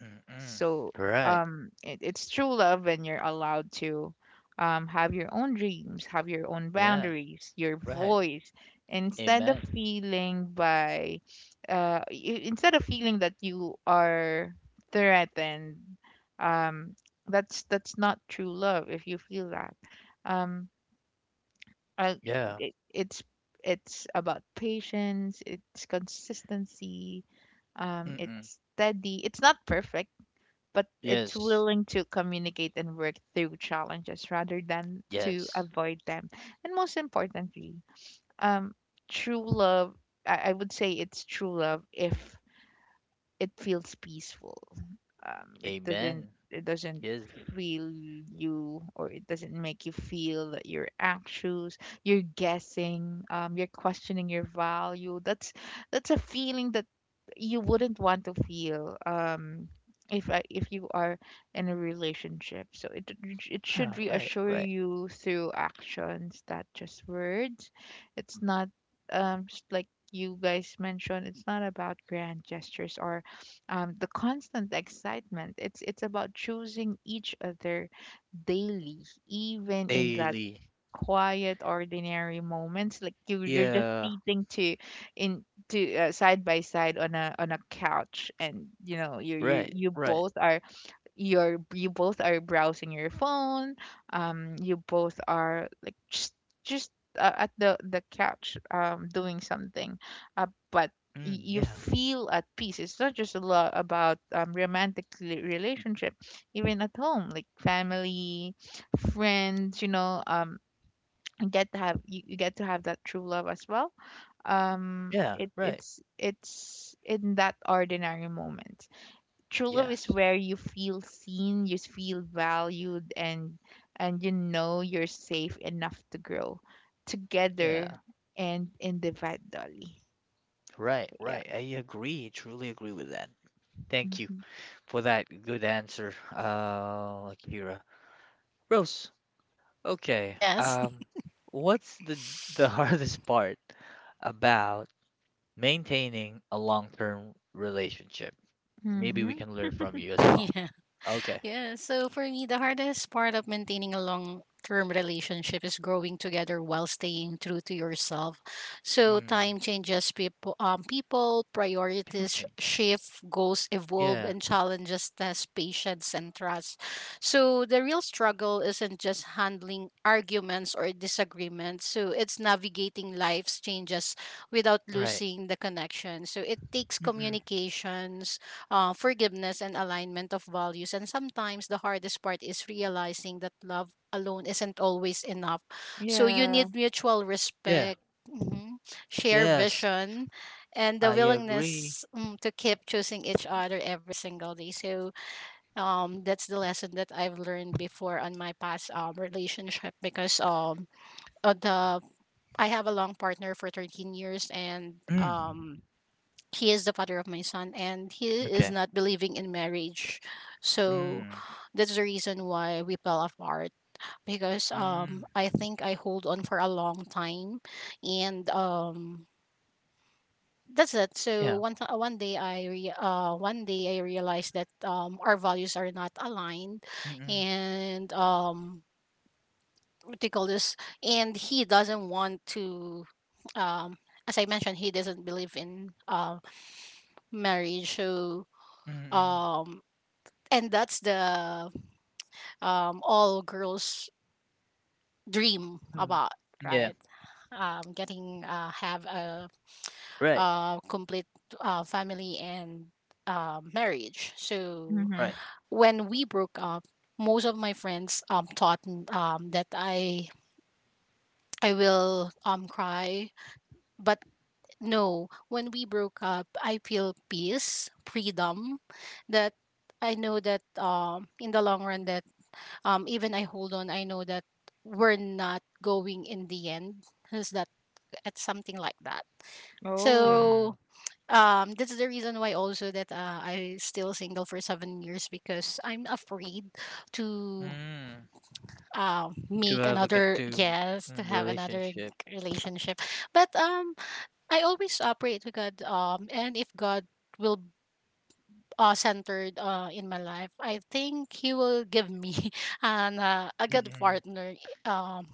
Mm-mm.
So
Right.
it's true love when you're allowed to have your own dreams, have your own
Yeah.
boundaries, your
Right.
voice, instead of
Amen.
instead of feeling that you are threatened. Um, that's not true love if you feel that. Um, uh,
Yeah.
it's it's about patience, it's consistency,
Mm-mm.
it's steady, it's not perfect, but it's
Yes.
willing to communicate and work through challenges rather than to
Yes.
avoid them. And most importantly, um true love, I would say it's true love if it feels peaceful.
Amen.
It doesn't
Yes.
feel you, or it doesn't make you feel that you're anxious, you're guessing, you're questioning your value. That's a feeling that you wouldn't want to feel if you are in a relationship. So it should
Yeah. Right.
reassure
Right.
you through actions, not just words. It's not just like you guys mentioned, it's not about grand gestures or the constant excitement. It's about choosing each other daily, even in that
Daily.
quiet, ordinary moments. Like you're just
Yeah.
sitting to in to side by side on a couch, and you know you you
Right.
you
Right.
both are you both are browsing your phone, you both are like just at the couch, doing something, but
Mm,
you
yeah.
feel at peace. It's not just a lot about romantic relationship. Even at home, like family, friends, you know, you get to have you get to have that true love as well. um
Yeah.
it
Right.
it's it's in that ordinary moment. True love is
Yes.
where you feel seen, you feel valued, and you know you're safe enough to grow together
Yeah.
and individually.
Right.
Yeah.
Right. I agree. Truly agree with that. Thank you
Mhm.
for that good answer, Akira. Rose, okay.
Yes.
What's the [LAUGHS] hardest part about maintaining a long-term relationship? Maybe we
Mhm.
can learn from
[LAUGHS]
you as well.
Yes.
Okay.
Yeah, so for me, the hardest part of maintaining a long term relationship is growing together while staying true to yourself. So
Mm,
time changes people,
people
priorities
change.
shift, goals evolve,
Yeah,
and challenges test patience and trust. So the real struggle isn't just handling arguments or disagreements. So it's navigating life's changes without
right.
losing the connection. So it takes
Mm-mm.
communications, forgiveness, and alignment of values. And sometimes the hardest part is realizing that love alone isn't always enough. So you
Yeah.
need mutual
Yeah.
respect, mhm, share
Yes,
vision, and the
I agree.
willingness, to keep choosing each other every single day. So that's the lesson that I've learned before on my past relationship, because the I have a long partner for 13 years, and
Mm.
he is the father of my son, and he is
Okay.
not believing in marriage. So
Mm.
that's the reason why we fell apart, because
Mm.
I think I hold on for a long time, and that's it. So
Yeah.
one day I realized that our values are not aligned,
Mm-mm.
and what do you call this, and he doesn't want to, um as I mentioned, he doesn't believe in marriage. So
Mm-mm.
um and that's the, all girls dream
Mm.
about,
Yeah.
right? Getting,
Right.
complete, family, and marriage. So
Mhm.
Right.
when we broke up, most of my friends, thought, that I will, cry. But no, when we broke up, I feel peace, freedom. That I know that, in the long run, that even I hold on, I know that we're not going in the end. Is that, it's something like that.
Oh.
Mm.
So that's the reason why also that, I still single for 7 years, because I'm afraid to
Mm. To
make
have a ga
another,
to
yes, to
mm,
have another
relationship.
relationship. But I always operate to God, and if God will, centered, in my life, I think he will give me [LAUGHS] a good
Mm-mm.
partner, um,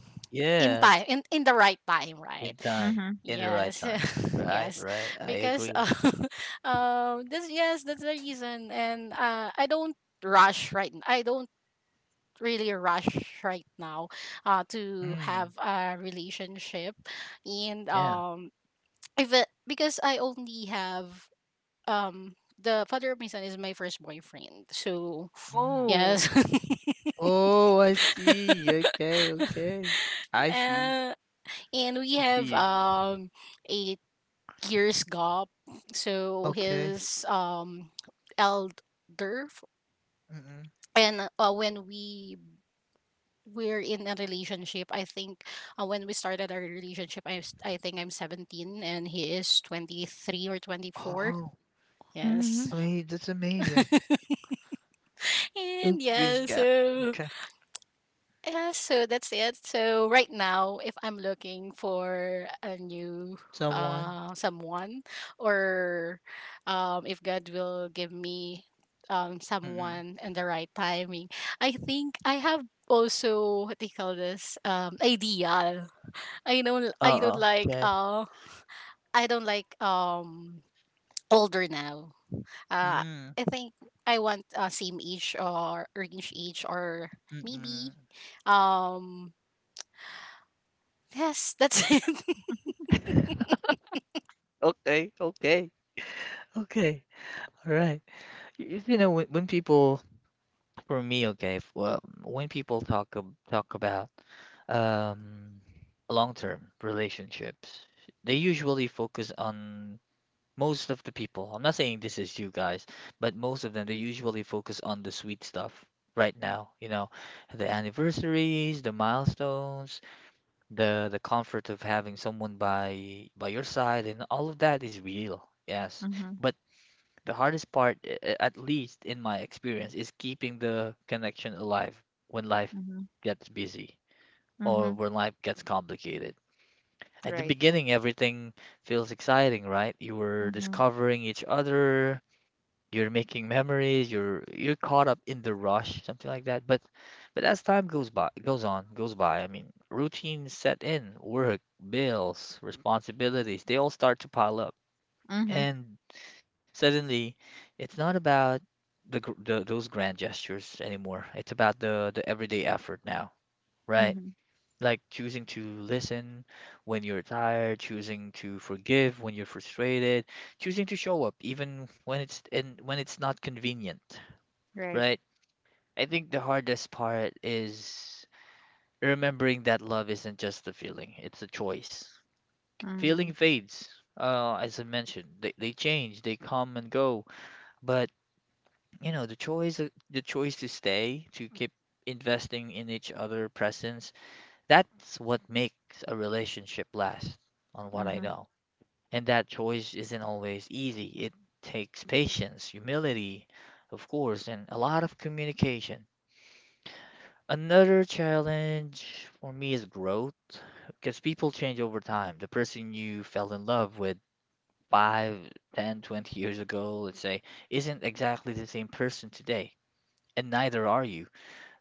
in
Yeah,
time, in the right time,
in
right?
time,
Mhm.
in the right
Yes.
time.
[LAUGHS]
Right,
Yes,
right. I
because,
agree.
[LAUGHS] that's the reason. And I don't rush, right. I don't really rush right now, to have
Mm,
a relationship. And
yeah.
if it, because I only have, um the father of my son is my first boyfriend. So
Mm.
Oh.
yes. [LAUGHS]
Oh, I see. Okay, okay. I see.
uh, and we
I
have
see.
8 years gap. So
Okay.
his elder f-
Mm-mm.
and, when we were in a relationship, I think, when we started our relationship, I think I'm 17 and he is 23 or 24.
Oh,
Yes.
Mhm.
I mean, that's amazing. Eight
And
years
yeah,
gap.
so
Okay.
Yeah, so that's it. So right now, if I'm looking for a new
Someone.
someone, or if God will give me
Mm-mm.
someone in the right timing, I think I have also, what do you call this, ideal. I don't I don't
Oh,
like
okay.
uh I don't like older now. Uh
Mm,
I think I want, same age or range age, or maybe,
mm-mm.
um yes, that's [LAUGHS] it.
[LAUGHS] Okay, okay. Okay, all right. You know, when people For me, okay, well, when people talk about um, long-term relationships, they usually focus on most of the people. I'm not saying this is you guys, but most of them they usually focus on the sweet stuff right now, the anniversaries, the milestones, the comfort of having someone by your side, and all of that is real. Yes,
Mhm.
but the hardest part, at least in my experience, is keeping the connection alive when life
Mhm.
gets busy or
Mhm.
when life gets complicated. At the
Right.
beginning, everything feels exciting, right? You were
Mhm.
discovering each other, you're making memories, you're caught up in the rush, something like that. But as time goes by, I mean, routines set in, work, bills, responsibilities, they all start to pile up.
Mhm.
And suddenly, it's not about the, gr- the those grand gestures anymore. It's about the everyday effort now, right?
Mhm.
Like choosing to listen when you're tired, choosing to forgive when you're frustrated, choosing to show up even when it's not convenient,
Right.
right? I think the hardest part is remembering that love isn't just a feeling, it's a choice. Feeling
Mhm.
fades. As I mentioned, they change, they come and go, but you know, the choice to stay, to keep investing in each other presence, that's what makes a relationship last, on what I
Mhm.
know. And that choice isn't always easy. It takes patience, humility, of course, and a lot of communication. Another challenge for me is growth, because people change over time. The person you fell in love with 5, 10, 20 years ago, let's say, isn't exactly the same person today, and neither are you.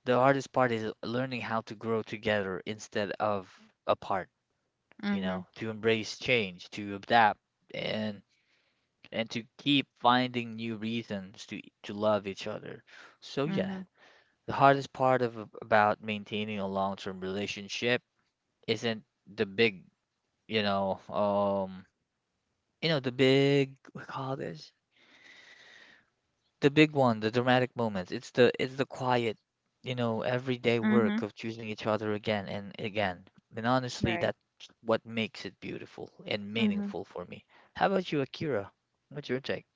The hardest part is learning how to grow together instead of apart, you
Mhm.
know, to embrace change, to adapt and and to keep finding new reasons to love each other. So yeah,
Mhm.
the hardest part of about maintaining a long-term relationship isn't the big, you know, um, you know, the big, we call this? The big one, the dramatic moments. It's the quiet, everyday work
Mhm.
of choosing each other again and again. And honestly,
Right.
that's what makes it beautiful and
Mhm.
meaningful for me. How about you, Akira? What's your take?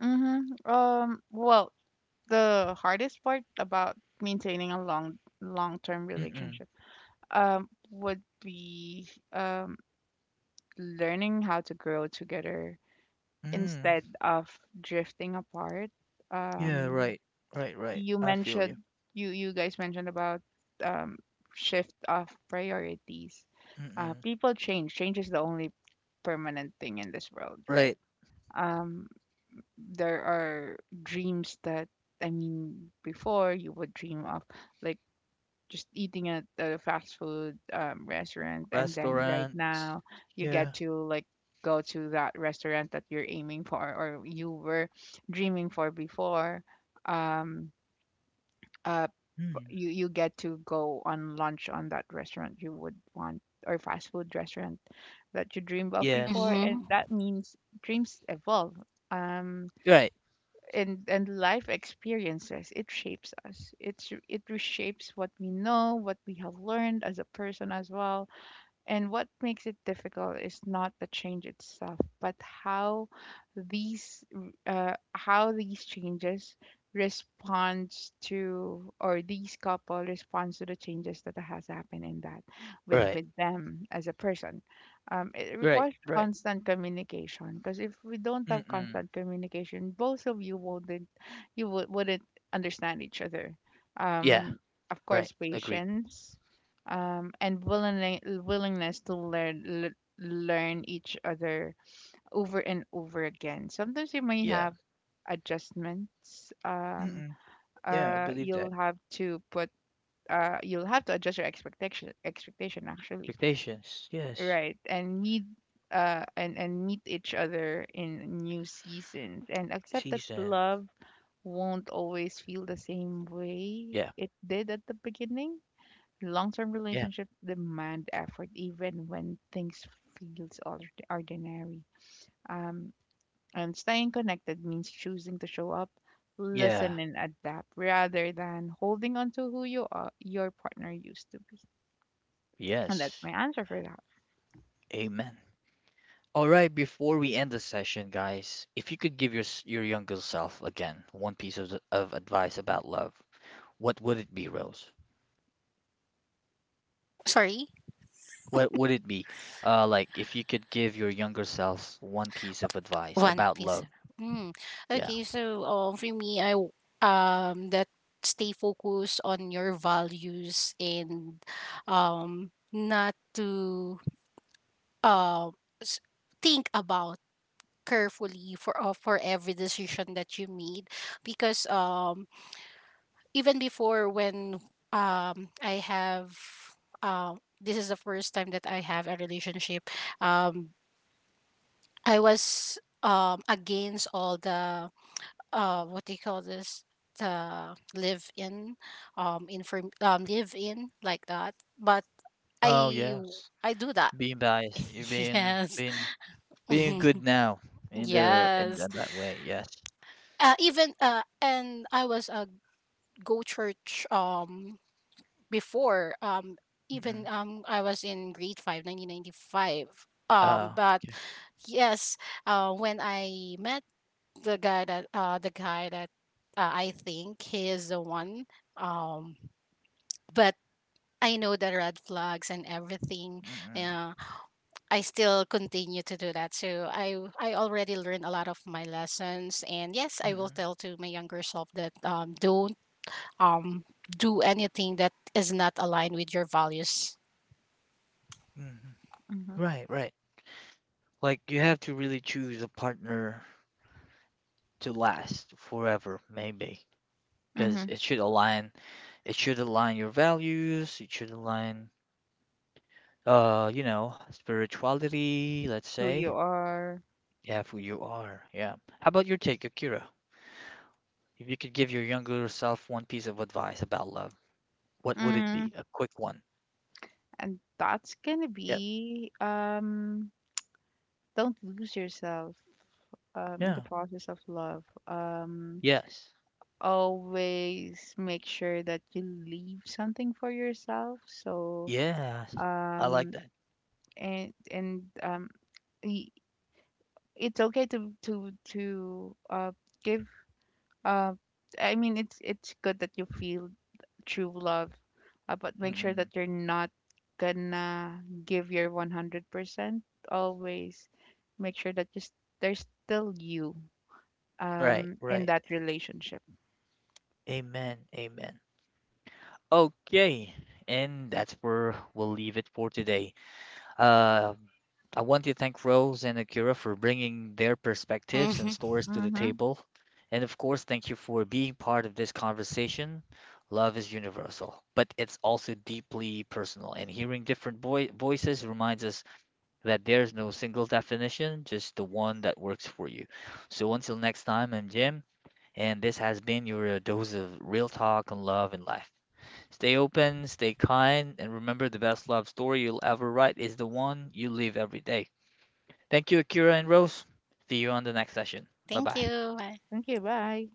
Mhm. Well, the hardest part about maintaining a long-term
Mm-mm.
relationship would be learning how to grow together
Mm.
instead of drifting apart.
Yeah,
um
right. Right, right.
you
I feel you.
mentioned, you guys mentioned about um shift of priorities.
Mm-mm.
People change. Change is the only permanent thing in this world, right?
Right.
um there are dreams that, I mean, before you would dream of like just eating at a fast food restaurant, and then right
Restaurant.
now you
Yeah.
get to like go to that restaurant that you're aiming for, or you were dreaming for before. um uh
Mm.
you you get to go on lunch on that restaurant you would want, or fast food restaurant that you dreamed of before,
Yes.
and
Mm-hmm.
that means dreams evolve. um
Right.
and life experiences, it shapes us, it's it reshapes what we know, what we have learned as a person as well. And what makes it difficult is not the change itself, but how these, how these changes responds to, or these couple responds to the changes that has happened in that,
Right.
with them as a person. It
Right.
requires
Right.
constant communication, because if we don't have
Mm-mm.
constant communication, both of you wouldn't, you would, wouldn't understand each other.
Yeah.
Um, of
Right.
course,
Agree.
patience, and willingness to learn learn each other over and over again. Sometimes you may
Yeah.
have adjustments.
Mm-mm. Yeah, I believe that.
You'll have to put, you'll have to adjust your expectation, actually,
Expectations. Yes.
right? And meet, and meet each other in new seasons, and accept that
Season.
love won't always feel the same way
Yeah.
it did at the beginning. Long term
Yeah.
relationships demand effort even when things feels ordinary. Um, and staying connected means choosing to show up,
Yeah.
listen, and adapt rather than holding on to who you are, your partner used to be. And that's
Yes.
my answer for that.
Amen. All right, before we end the session, guys, if you could give your younger self again one piece of advice about love, what would it be, Rose?
Sorry,
What would it be? Like if you could give your younger self one piece of advice
One
about
Piece.
love.
Mm.
Yeah.
Okay, so for me, that stay focused on your values, and not to, um s think about carefully, for every decision that you made, because even before, when I have, this is the first time that I have a relationship, um I was against all the, what do you call this, the live in, inform live in, like that, but
Oh,
I
yes.
I do that.
Being biased, you're
[LAUGHS]
being
Yes.
being being good
Mhm.
now in, the,
Yes,
that way. Yes.
even, and I was a go church before, even,
Mm-mm.
I was in grade 5 1995,
Uh,
but
yeah.
yes, when I met the guy that, I think he is the one, um but I know the red flags and everything.
Mm-mm.
uh, I still continue to do that, so I already learned a lot of my lessons. And yes, I will
Mm,
tell to my younger self that, don't, um do anything that is not aligned with your values.
mhm.
Hmm.
Right, right. Like you have to really choose a partner to last forever, maybe, because
Hmm.
it should align. It should align your values. It should align, spirituality. Let's
Who you
say,
are.
yeah, for who you are. Yeah. How about your take, Akira? If you could give your younger self one piece of advice about love, what would it
Mm.
be? A quick one.
And that's gonna
Yep.
be don't lose yourself in the
Yeah.
process of love.
Yes.
Always make sure that you leave something for yourself. So,
Yes. I like
um,
that.
and and um, y- it's okay to give. uh. I mean, it's good that you feel true love, but make sure
Mm-mm.
that you're not gonna give your 100%. Always make sure that just there's still you
Right.
in
Right.
that relationship.
Amen. Amen. Okay, and that's where we'll leave it for today. Uh, I want to thank Rose and Akira for bringing their perspectives and stories
[LAUGHS]
to the
Mm-hmm.
table. And of course, thank you for being part of this conversation. Love is universal, but it's also deeply personal. And hearing different voices reminds us that there's no single definition, just the one that works for you. So until next time, I'm Jim, and this has been your dose of real talk on love and life. Stay open, stay kind, and remember the best love story you'll ever write is the one you live every day. Thank you, Akira and Rose. See you on the next session. Bye
Thank
bye.
you.
Thank you. Bye.